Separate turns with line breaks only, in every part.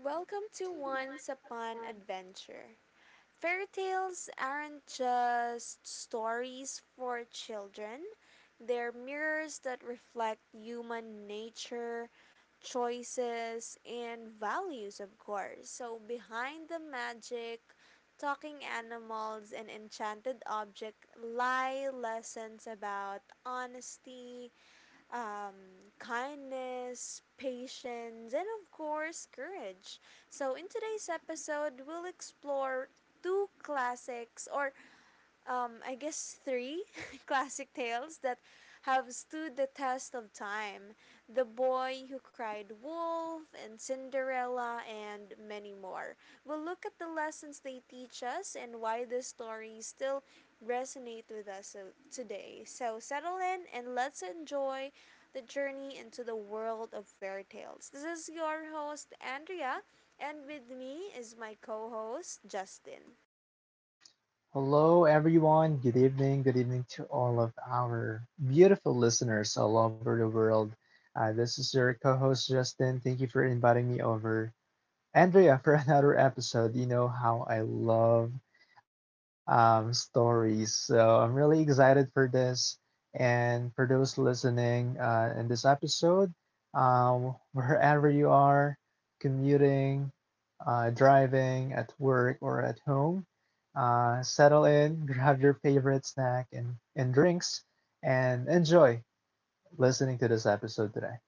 Welcome to Once Upon Adventure. Fairy tales aren't just stories for children, they're mirrors that reflect human nature, choices, and values, of course. So, behind the magic, talking animals, and enchanted objects lie lessons about honesty, um, kindness, patience, and of course, courage. So, in today's episode, we'll explore two classics or I guess three classic tales that have stood the test of time. The Boy Who Cried Wolf, and Cinderella, and many more. We'll look at the lessons they teach us and why these stories still resonate with us so, today. So settle in and let's enjoy the journey into the world of fairy tales. This is your host, Andrea, and with me is my co host, Justin.
Hello, everyone. Good evening. Good evening to all of our beautiful listeners all over the world. This is your co host, Justin. Thank you for inviting me over, Andrea, for another episode. You know how I love stories. So I'm really excited for this. And for those listening in this episode, wherever you are, commuting, driving, at work, or at home. Settle in, grab your favorite snack and drinks, and enjoy listening to this episode today.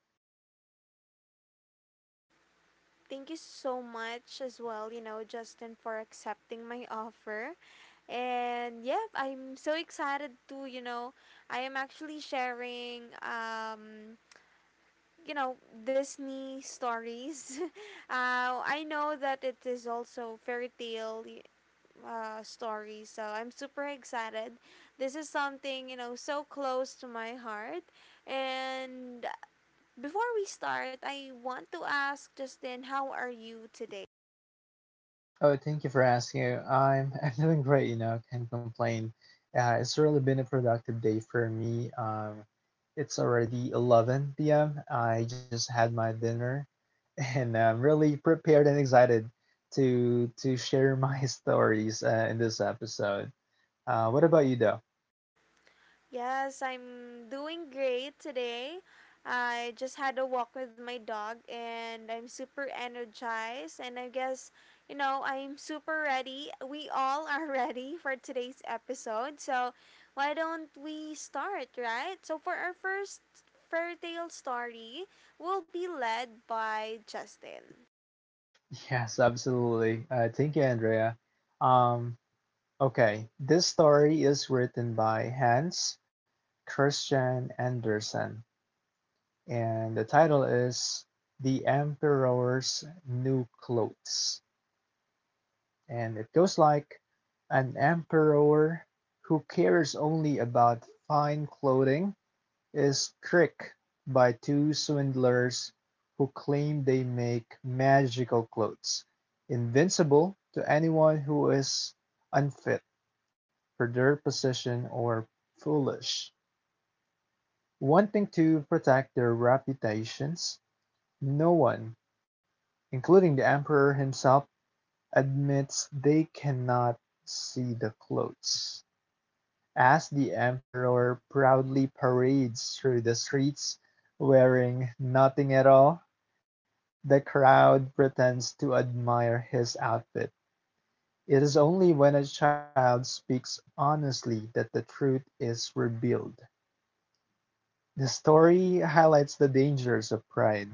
Thank you so much as well, you know, Justin, for accepting my offer. And yep, I'm so excited to, you know, I am actually sharing you know, Disney stories. I know that it is also stories, so I'm super excited. This is something, you know, so close to my heart. And before we start, I want to ask Justin, how are you today?
Oh, thank you for asking. I'm doing great, you know, can't complain. It's really been a productive day for me. It's already 11 p.m. I just had my dinner and I'm really prepared and excited to share my stories in this episode. What about you, though?
Yes, I'm doing great today. I just had a walk with my dog and I'm super energized and I guess, you know, I'm super ready. We all are ready for today's episode. So, why don't we start, right? So, for our first fairy tale story, we'll be led by Justin.
Yes, absolutely. Thank you, Andrea. Um, okay, this story is written by Hans Christian Andersen, and the title is The Emperor's New Clothes. And it goes like an emperor who cares only about fine clothing is tricked by two swindlers who claim they make magical clothes, invincible to anyone who is unfit for their position or foolish. Wanting to protect their reputations, no one, including the Emperor himself, admits they cannot see the clothes. As the Emperor proudly parades through the streets wearing nothing at all, the crowd pretends to admire his outfit. It is only when a child speaks honestly that the truth is revealed. The story highlights the dangers of pride,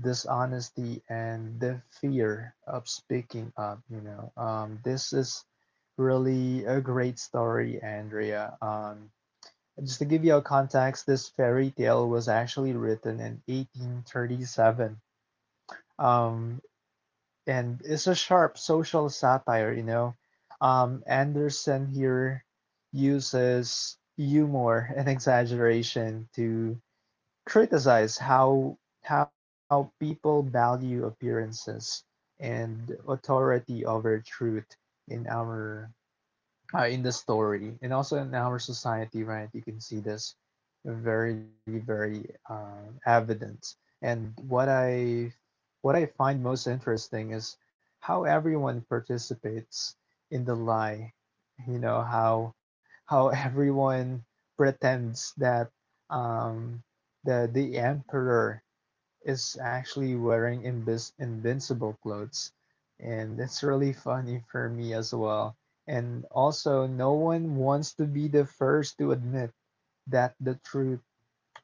dishonesty, and the fear of speaking up. You know, this is really a great story, Andrea. Just to give you a context, this fairy tale was actually written in 1837. Um, and it's a sharp social satire, you know. Anderson here uses humor and exaggeration to criticize how people value appearances and authority over truth in our in the story and also in our society, right? You can see this very evident. And what i what I find most interesting is how everyone participates in the lie. You know how everyone pretends that um, the emperor is actually wearing invincible clothes, and it's really funny for me as well. And also, no one wants to be the first to admit that the truth,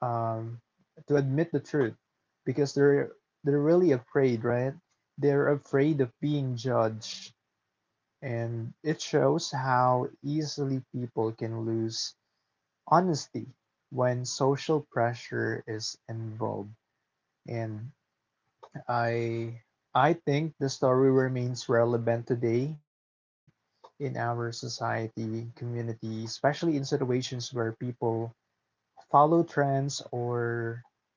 um, to admit the truth, because they're really afraid, right? They're afraid of being judged, and it shows how easily people can lose honesty when social pressure is involved. And I I think the story remains relevant today in our society, community, especially in situations where people follow trends or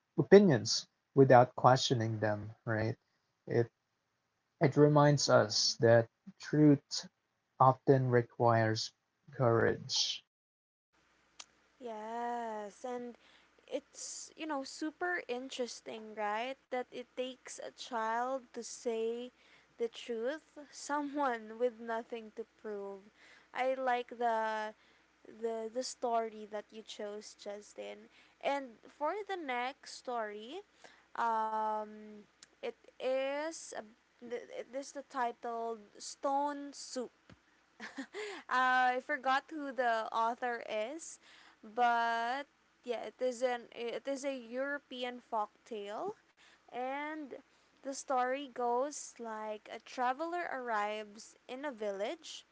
opinions without questioning them, right? It it reminds us that truth often requires courage.
Yes, and it's, you know, super interesting, right? That it takes a child to say the truth, someone with nothing to prove. I like the the story that you chose, Justin. And for the next story, um it is a, this the title Stone Soup. I forgot who the author is, but yeah, it is a European folk tale, and the story goes like a traveler arrives in a village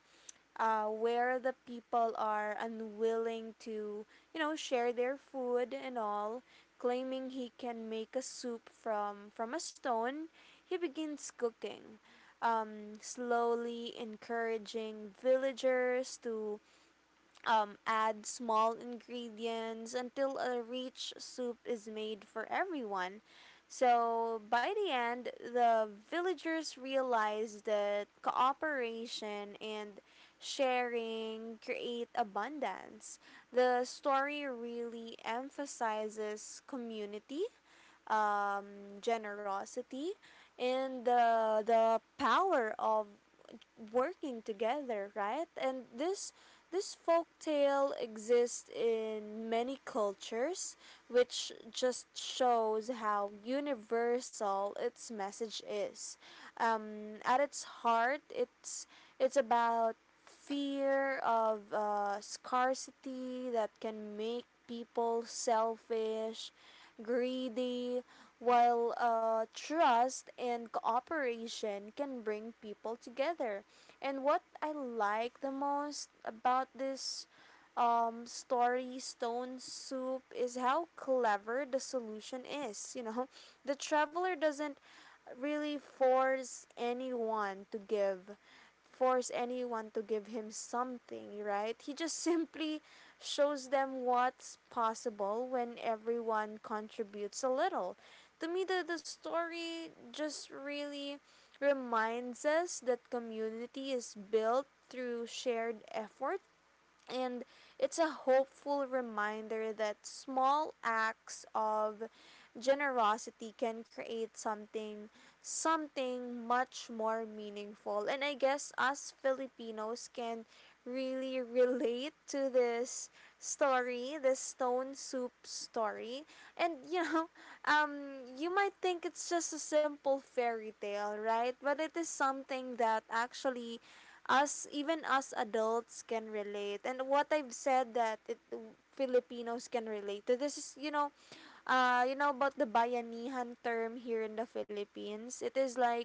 where the people are unwilling to, you know, share their food and all, claiming he can make a soup from a stone. He begins cooking, slowly encouraging villagers to add small ingredients until a rich soup is made for everyone. So, by the end, the villagers realized that cooperation and sharing create abundance. The story really emphasizes community, generosity, and the power of working together, right? And this folk tale exists in many cultures, which just shows how universal its message is. At its heart, it's about fear of scarcity that can make people selfish, greedy, while trust and cooperation can bring people together. And what I like the most about this story Stone Soup is how clever the solution is. You know, the traveler doesn't really force anyone to give force anyone to give him something, right? He just simply shows them what's possible when everyone contributes a little. To me, the story just really reminds us that community is built through shared effort, and it's a hopeful reminder that small acts of generosity can create something much more meaningful. And I guess us Filipinos can really relate to this story, this Stone Soup story. And you know, you might think it's just a simple fairy tale, right? But it is something that actually us, even us adults, can relate. And what I've said that it Filipinos can relate to this is, you know, you know, about the bayanihan term here in the Philippines. It is like,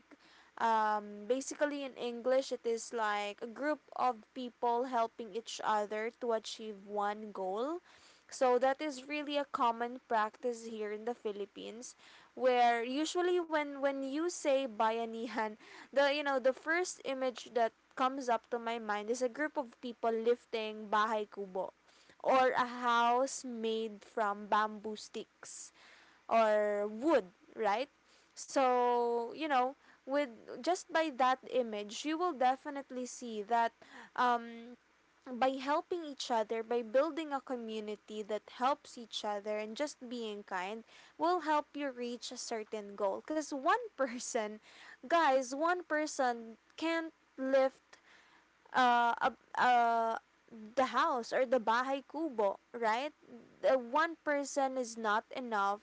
basically in English, it is like a group of people helping each other to achieve one goal. So that is really a common practice here in the Philippines, where usually when you say bayanihan, the, you know, the first image that comes up to my mind is a group of people lifting bahay kubo, or a house made from bamboo sticks or wood, right? So, you know, with just by that image, you will definitely see that, um, by helping each other, by building a community that helps each other and just being kind, will help you reach a certain goal. Because one person, guys, one person can't lift uh, ab- uh, the house or the bahay kubo, right? The one person is not enough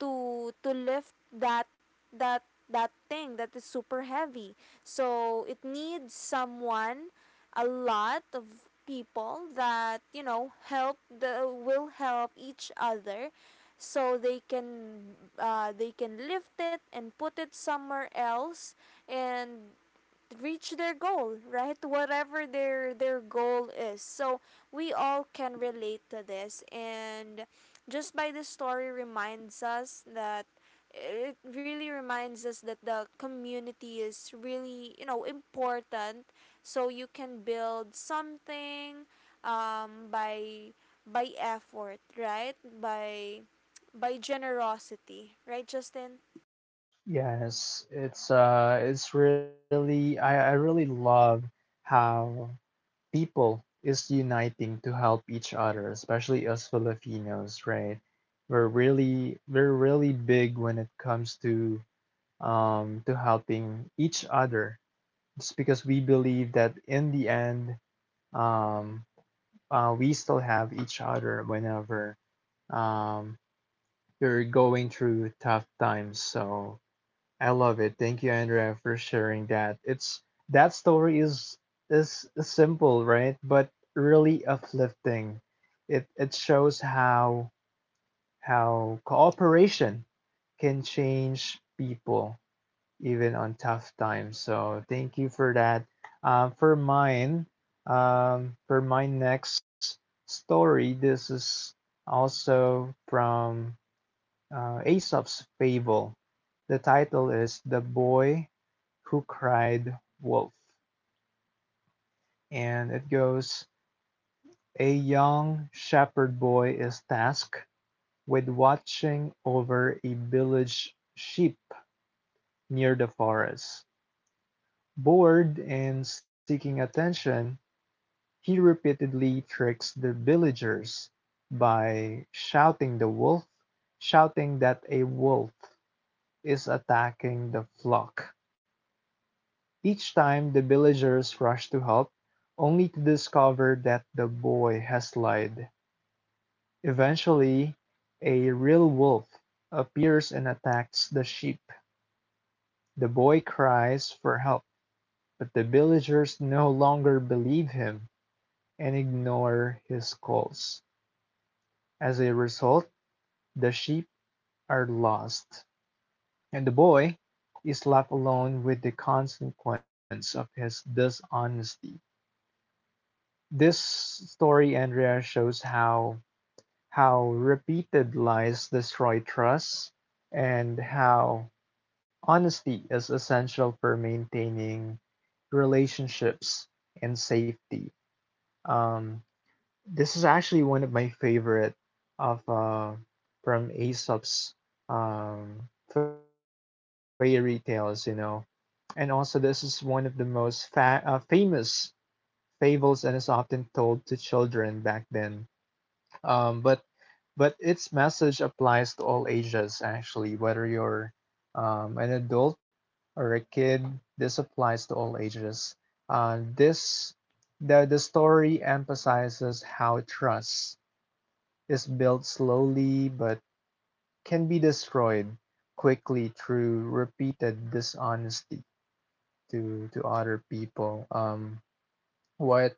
to lift that that thing that is super heavy. So it needs someone, a lot of people that, you know, help the will help each other so they can lift it and put it somewhere else and reach their goal, right? Whatever their goal is. So we all can relate to this, and just by this story reminds us that, it really reminds us that the community is really, you know, important, so you can build something, um, by by effort, right? By generosity, right, Justin?
Yes, it's it's really, I really love how people is uniting to help each other, especially us Filipinos, right? We're really big when it comes to helping each other. It's because we believe that in the end, um, we still have each other whenever um you're going through tough times. So I love it. Thank you, Andrea, for sharing that. It's that story is simple, right? But really uplifting. It shows how cooperation can change people even on tough times. So thank you for that. For mine, for my next story, this is also from Aesop's Fable. The title is The Boy Who Cried Wolf, and it goes: a young shepherd boy is tasked with watching over a village sheep near the forest. Bored and seeking attention, he repeatedly tricks the villagers by shouting that a wolf is attacking the flock. Each time the villagers rush to help, only to discover that the boy has lied. Eventually, a real wolf appears and attacks the sheep. The boy cries for help, but the villagers no longer believe him and ignore his calls. As a result, the sheep are lost, and the boy is left alone with the consequence of his dishonesty. This story, Andrea, shows how repeated lies destroy trust and how honesty is essential for maintaining relationships and safety. Um, this is actually one of my favorite of from Aesop's fairy tales, you know. And also, this is one of the most famous fables and is often told to children back then. Um, but But its message applies to all ages, actually, whether you're an adult or a kid, this applies to all ages. This The story emphasizes how trust is built slowly but can be destroyed quickly through repeated dishonesty to other people. What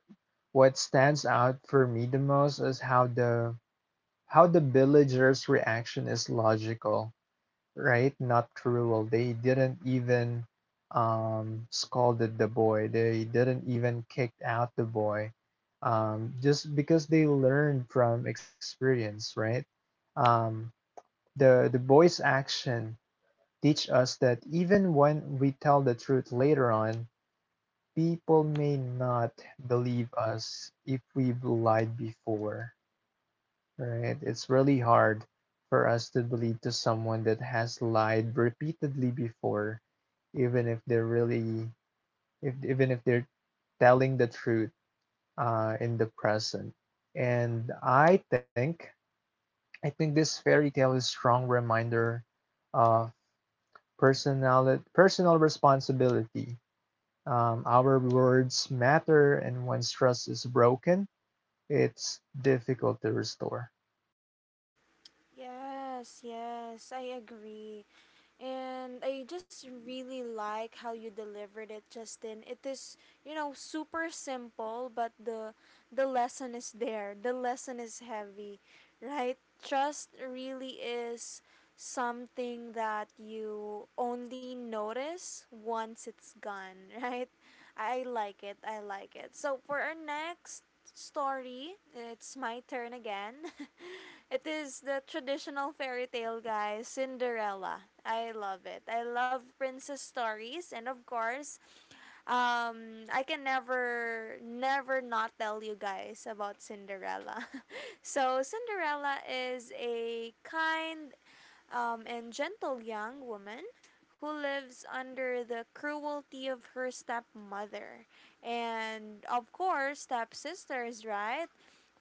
what stands out for me the most is how the villagers' reaction is logical, right? Not cruel. They didn't even scolded the boy. They didn't even kick out the boy, just because they learned from experience, right? Um, the boy's action teach us that even when we tell the truth later on, people may not believe us if we've lied before. Right. It's really hard for us to believe to someone that has lied repeatedly before, even if they're really, if even if they're telling the truth in the present. And I think this fairy tale is strong reminder of personal responsibility. Our words matter, and once trust is broken, it's difficult to restore.
Yes, yes, I agree. And I just really like how you delivered it, Justin. It is, you know, super simple, but the lesson is there. The lesson is heavy, right? Trust really is something that you only notice once it's gone, right? I like it. I like it. So for our next story, it's my turn again. It is the traditional fairy tale, guys, Cinderella. I love it. I love princess stories, and of course, I can never, never not tell you guys about Cinderella. So, Cinderella is a kind and gentle young woman who lives under the cruelty of her stepmother and, of course, stepsisters, right?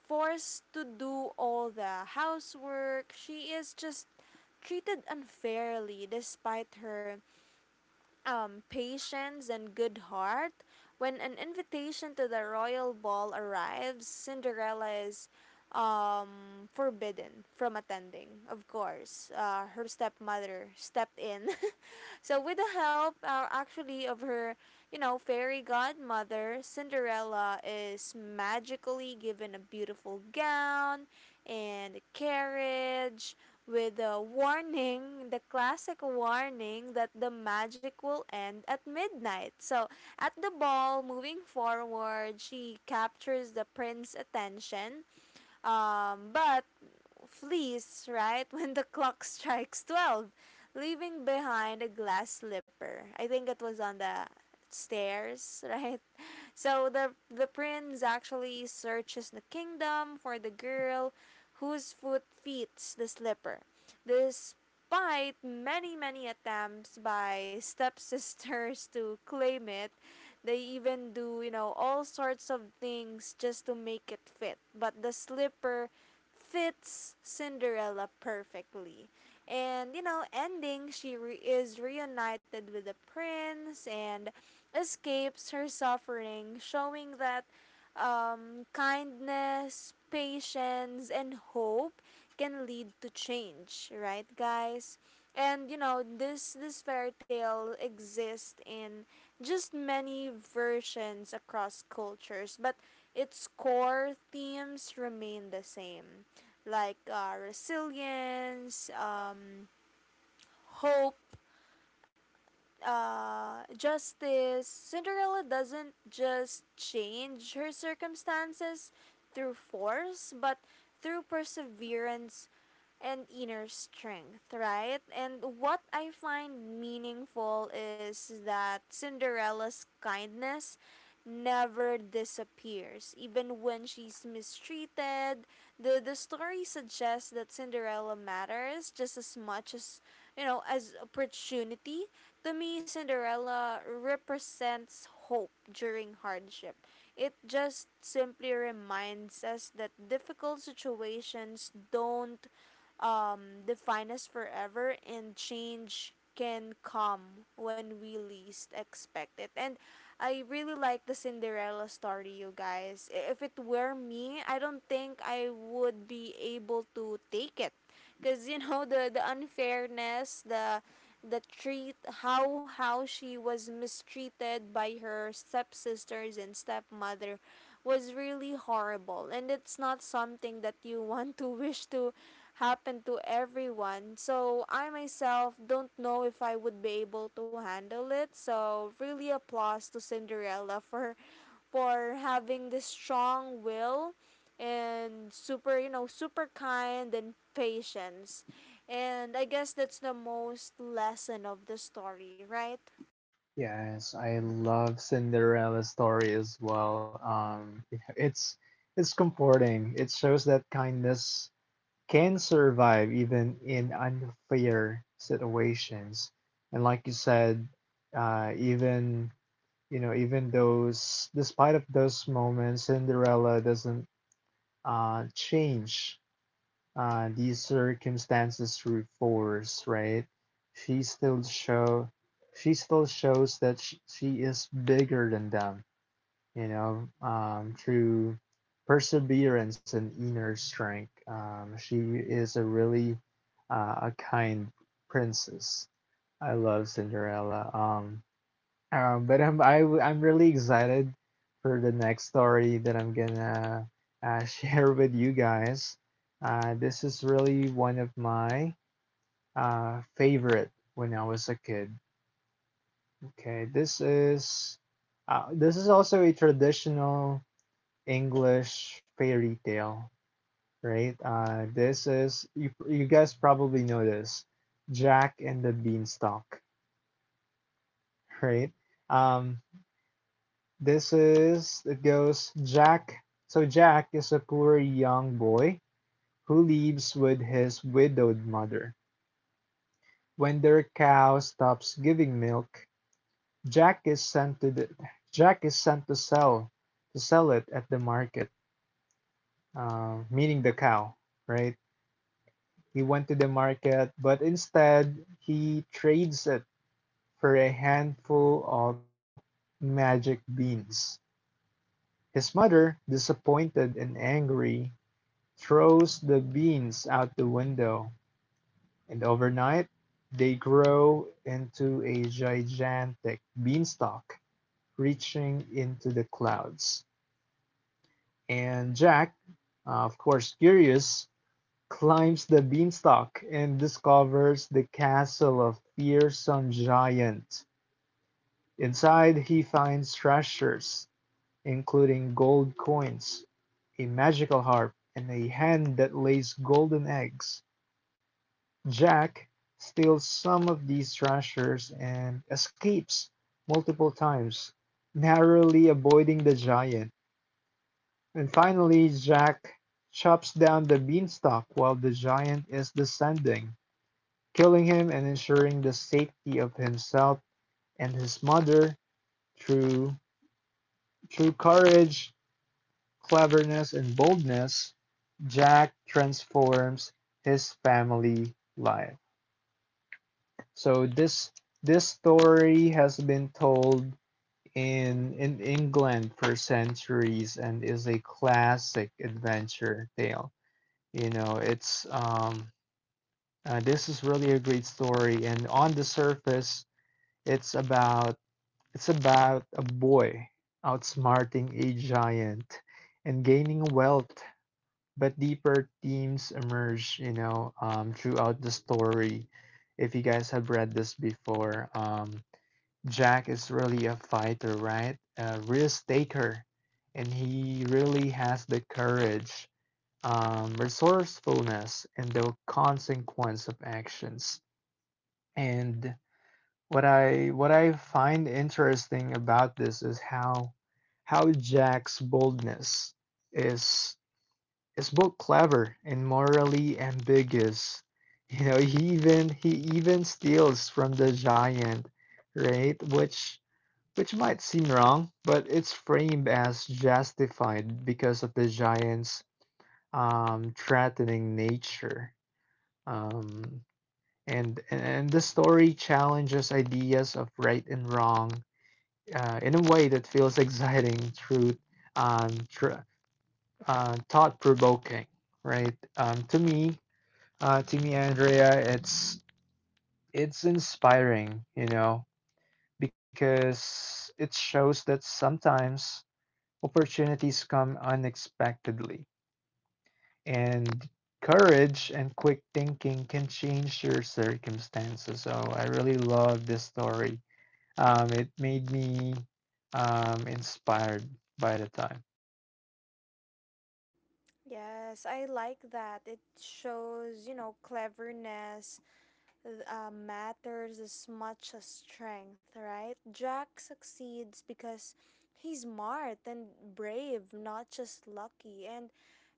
Forced to do all the housework. She is just treated unfairly despite her patience and good heart. When an invitation to the royal ball arrives, Cinderella is forbidden from attending. Of course, her stepmother stepped in. So with the help actually of her, you know, fairy godmother, Cinderella is magically given a beautiful gown and a carriage with a warning, the classic warning that the magic will end at midnight. So at the ball, moving forward, she captures the prince's attention. But flees, right, when the clock strikes 12, leaving behind a glass slipper. I think it was on the stairs, right? So the prince actually searches the kingdom for the girl whose foot fits the slipper. Despite many many attempts by stepsisters to claim it, they even do, you know, all sorts of things just to make it fit. But the slipper fits Cinderella perfectly. And you know, ending, is reunited with the prince and escapes her suffering, showing that kindness, patience, and hope can lead to change, right, guys? And you know, this fairy tale exists in just many versions across cultures, but its core themes remain the same, like resilience, hope, justice. Cinderella doesn't just change her circumstances through force, but through perseverance and inner strength, right? And what I find meaningful is that Cinderella's kindness never disappears. Even when she's mistreated, the story suggests that Cinderella matters just as much as, you know, as opportunity. To me, Cinderella represents hope during hardship. It just simply reminds us that difficult situations don't define us forever, and change can come when we least expect it. And I really like the Cinderella story, you guys. If it were me, I don't think I would be able to take it, because you know the unfairness, the treat, how she was mistreated by her stepsisters and stepmother was really horrible, and it's not something that you want to wish to happen to everyone. So I myself don't know if I would be able to handle it. So really applause to Cinderella for having this strong will, and super, you know, super kind and patience. And I guess that's the most lesson of the story, right?
Yes, I love Cinderella story as well. It's it's comforting. It shows that kindness can survive even in unfair situations. And like you said, even you know, even those, despite of those moments, Cinderella doesn't change these circumstances through force, right? She still show, she still shows that she is bigger than them, you know, through perseverance and inner strength. She is a really a kind princess. I love Cinderella. But I am really excited for the next story that I'm gonna share with you guys. This is really one of my favorite when I was a kid. Okay, this is also a traditional English fairy tale, right? This is you guys probably know this, Jack and the Beanstalk, right? Um, This is, it goes, Jack. So Jack is a poor young boy who lives with his widowed mother. When their cow stops giving milk, Jack is sent to the, Jack is sent to sell it at the market, meaning the cow, right? He went to the market, but instead he trades it for a handful of magic beans. His mother, disappointed and angry, throws the beans out the window, and overnight, they grow into a gigantic beanstalk reaching into the clouds. And Jack, of course curious, climbs the beanstalk and discovers the castle of fearsome giant. Inside, he finds treasures, including gold coins, a magical harp, and a hen that lays golden eggs. Jack steals some of these treasures and escapes multiple times, narrowly avoiding the giant. And finally, Jack chops down the beanstalk while the giant is descending, killing him and ensuring the safety of himself and his mother through courage, cleverness, and boldness. Jack transforms his family life. So this story has been told in England for centuries and is a classic adventure tale. You know, it's this is really a great story, and on the surface it's about it's about a boy outsmarting a giant and gaining wealth, but deeper themes emerge, you know, throughout the story if you guys have read this before. Jack is really a fighter, right? A risk taker, and he really has the courage, resourcefulness, and the consequence of actions. And what I find interesting about this is how Jack's boldness is is both clever and morally ambiguous. You know, he even steals from the giant, right? Which might seem wrong, but it's framed as justified because of the giant's threatening nature. Um, and the story challenges ideas of right and wrong in a way that feels exciting, um, tr- thought-provoking. Right? To me, Andrea, it's inspiring. You know, because it shows that sometimes opportunities come unexpectedly, and courage and quick thinking can change your circumstances. So I really love this story. It made me inspired by the time.
Yes, I like that. It shows, you know, cleverness matters as much as strength, right? Jack succeeds because he's smart and brave, not just lucky. And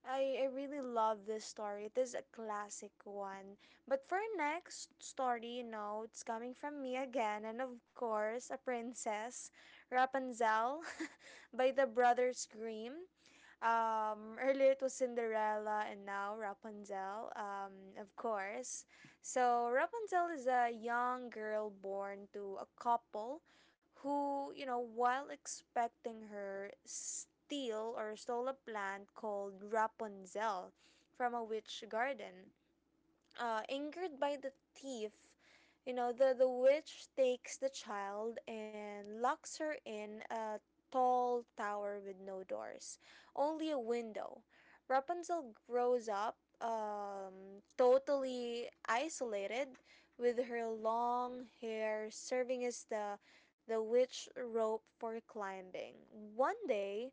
I really love this story. It is a classic one. But for our next story, you know, it's coming from me again, and of course, a princess, Rapunzel, by the Brothers Grimm. Earlier it was Cinderella, and now Rapunzel. Of course, so Rapunzel is a young girl born to a couple who, you know, while expecting her, steal or stole a plant called Rapunzel from a witch garden. Angered by the thief, you know, the witch takes the child and locks her in a tall tower with no doors, only a window. Rapunzel grows up totally isolated, with her long hair serving as the witch rope for climbing. One day,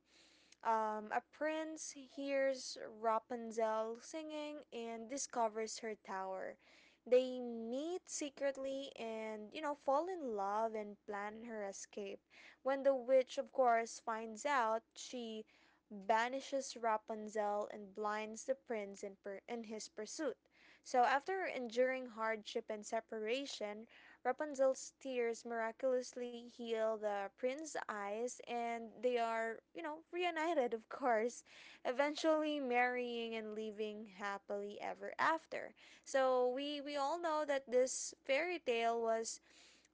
a prince hears Rapunzel singing and discovers her tower. They meet secretly and, you know, fall in love and plan her escape. When the witch, of course, finds out, she banishes Rapunzel and blinds the prince in, in his pursuit. So, after enduring hardship and separation, Rapunzel's tears miraculously heal the prince's eyes, and they are, reunited, of course, eventually marrying and living happily ever after. So we all know that this fairy tale was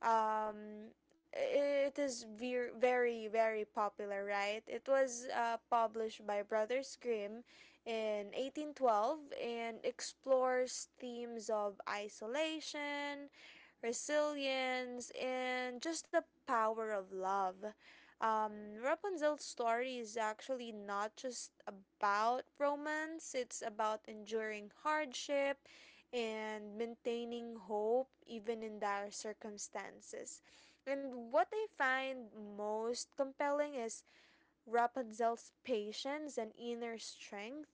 um it is ve very very popular, right? It was published by brothers grimm in 1812 and explores themes of isolation, resilience, and just the power of love. Rapunzel's story is actually not just about romance, it's about enduring hardship and maintaining hope even in dire circumstances. And what I find most compelling is Rapunzel's patience and inner strength.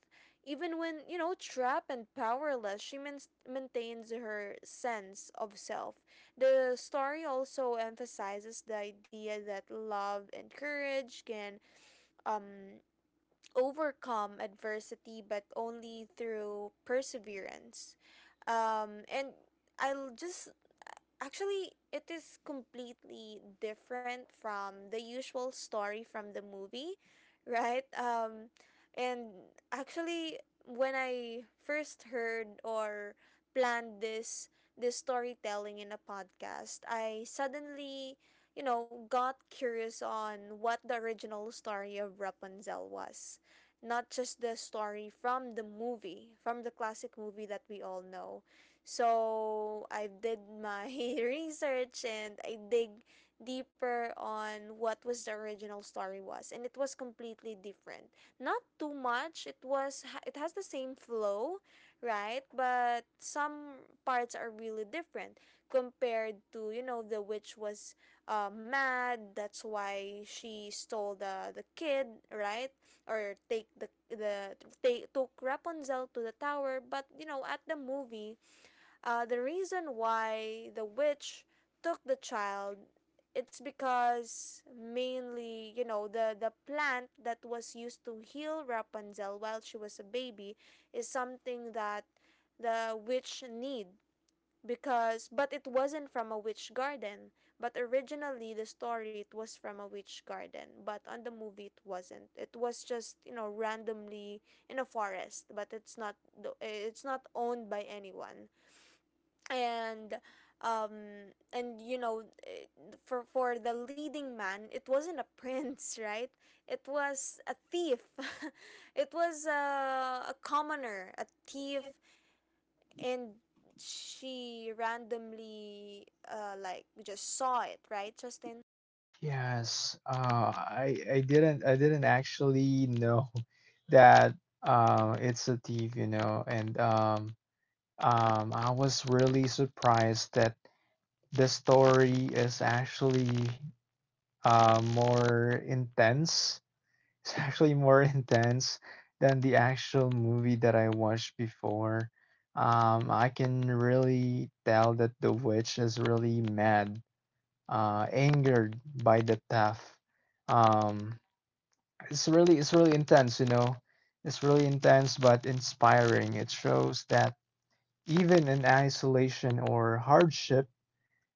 Even when, trapped and powerless, maintains her sense of self. The story also emphasizes the idea that love and courage can um overcome adversity, but only through perseverance. And I l- just Actually, it is completely different from the usual story, from the movie, right? And actually, when I first heard or planned this storytelling in a podcast, I suddenly, got curious on what the original story of Rapunzel was, not just the story from the movie, from the classic movie that we all know. So I did my research and I dig deeper on what was the original story was, and it was completely different. Not too much, it has the same flow, right? But some parts are really different compared to, the witch was mad, that's why she stole the kid, right? Or take they took Rapunzel to the tower. But you know, at the movie, the reason why the witch took the child, it's because mainly, the plant that was used to heal Rapunzel while she was a baby is something that the witch need, because but it wasn't from a witch garden. But originally the story, it was from a witch garden, but on the movie it wasn't. It was just, you know, randomly in a forest, but it's not it's not owned by anyone. And um and you know eh, for the leading man, it wasn't a prince, right? It was a thief. It was a commoner, a thief. And she randomly like just saw it, right, justin?
Yes, I didn't I didn't actually know that it's a thief, you know, and I was really surprised that the story is actually more intense. It's actually more intense than the actual movie that I watched before. I can really tell that the witch is really mad, angered by the theft. Um, it's really intense, you know. It's really intense but inspiring. It shows that even in isolation or hardship,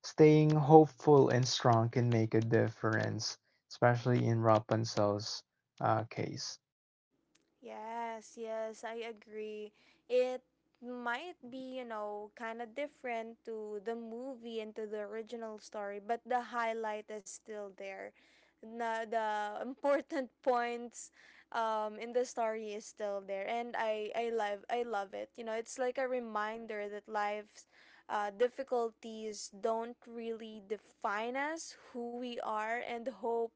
staying hopeful and strong can make a difference, especially in Rapunzel's case.
Yes, yes, I agree. It might be, you know, kind of different to the movie and to the original story, but the highlight is still there. Na, the important points, in the story is still there, and I love it. You know, it's like a reminder that life's difficulties don't really define us, who we are, and hope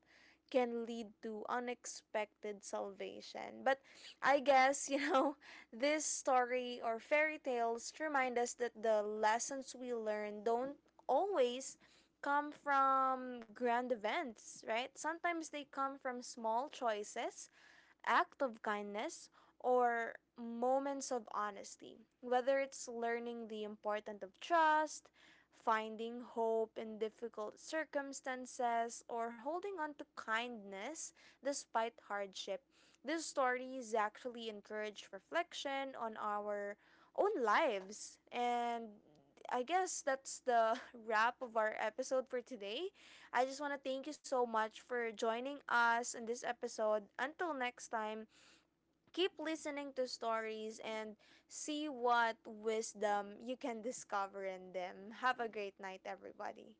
can lead to unexpected salvation. But I guess, you know, this story or fairy tales remind us that the lessons we learn don't always come from grand events, right? Sometimes they come from small choices, act of kindness, or moments of honesty. Whether it's learning the importance of trust, finding hope in difficult circumstances, or holding on to kindness despite hardship. These stories actually encourage reflection on our own lives. And I guess that's the wrap of our episode for today. I just want to thank you so much for joining us in this episode. Until next time, keep listening to stories and see what wisdom you can discover in them. Have a great night, everybody.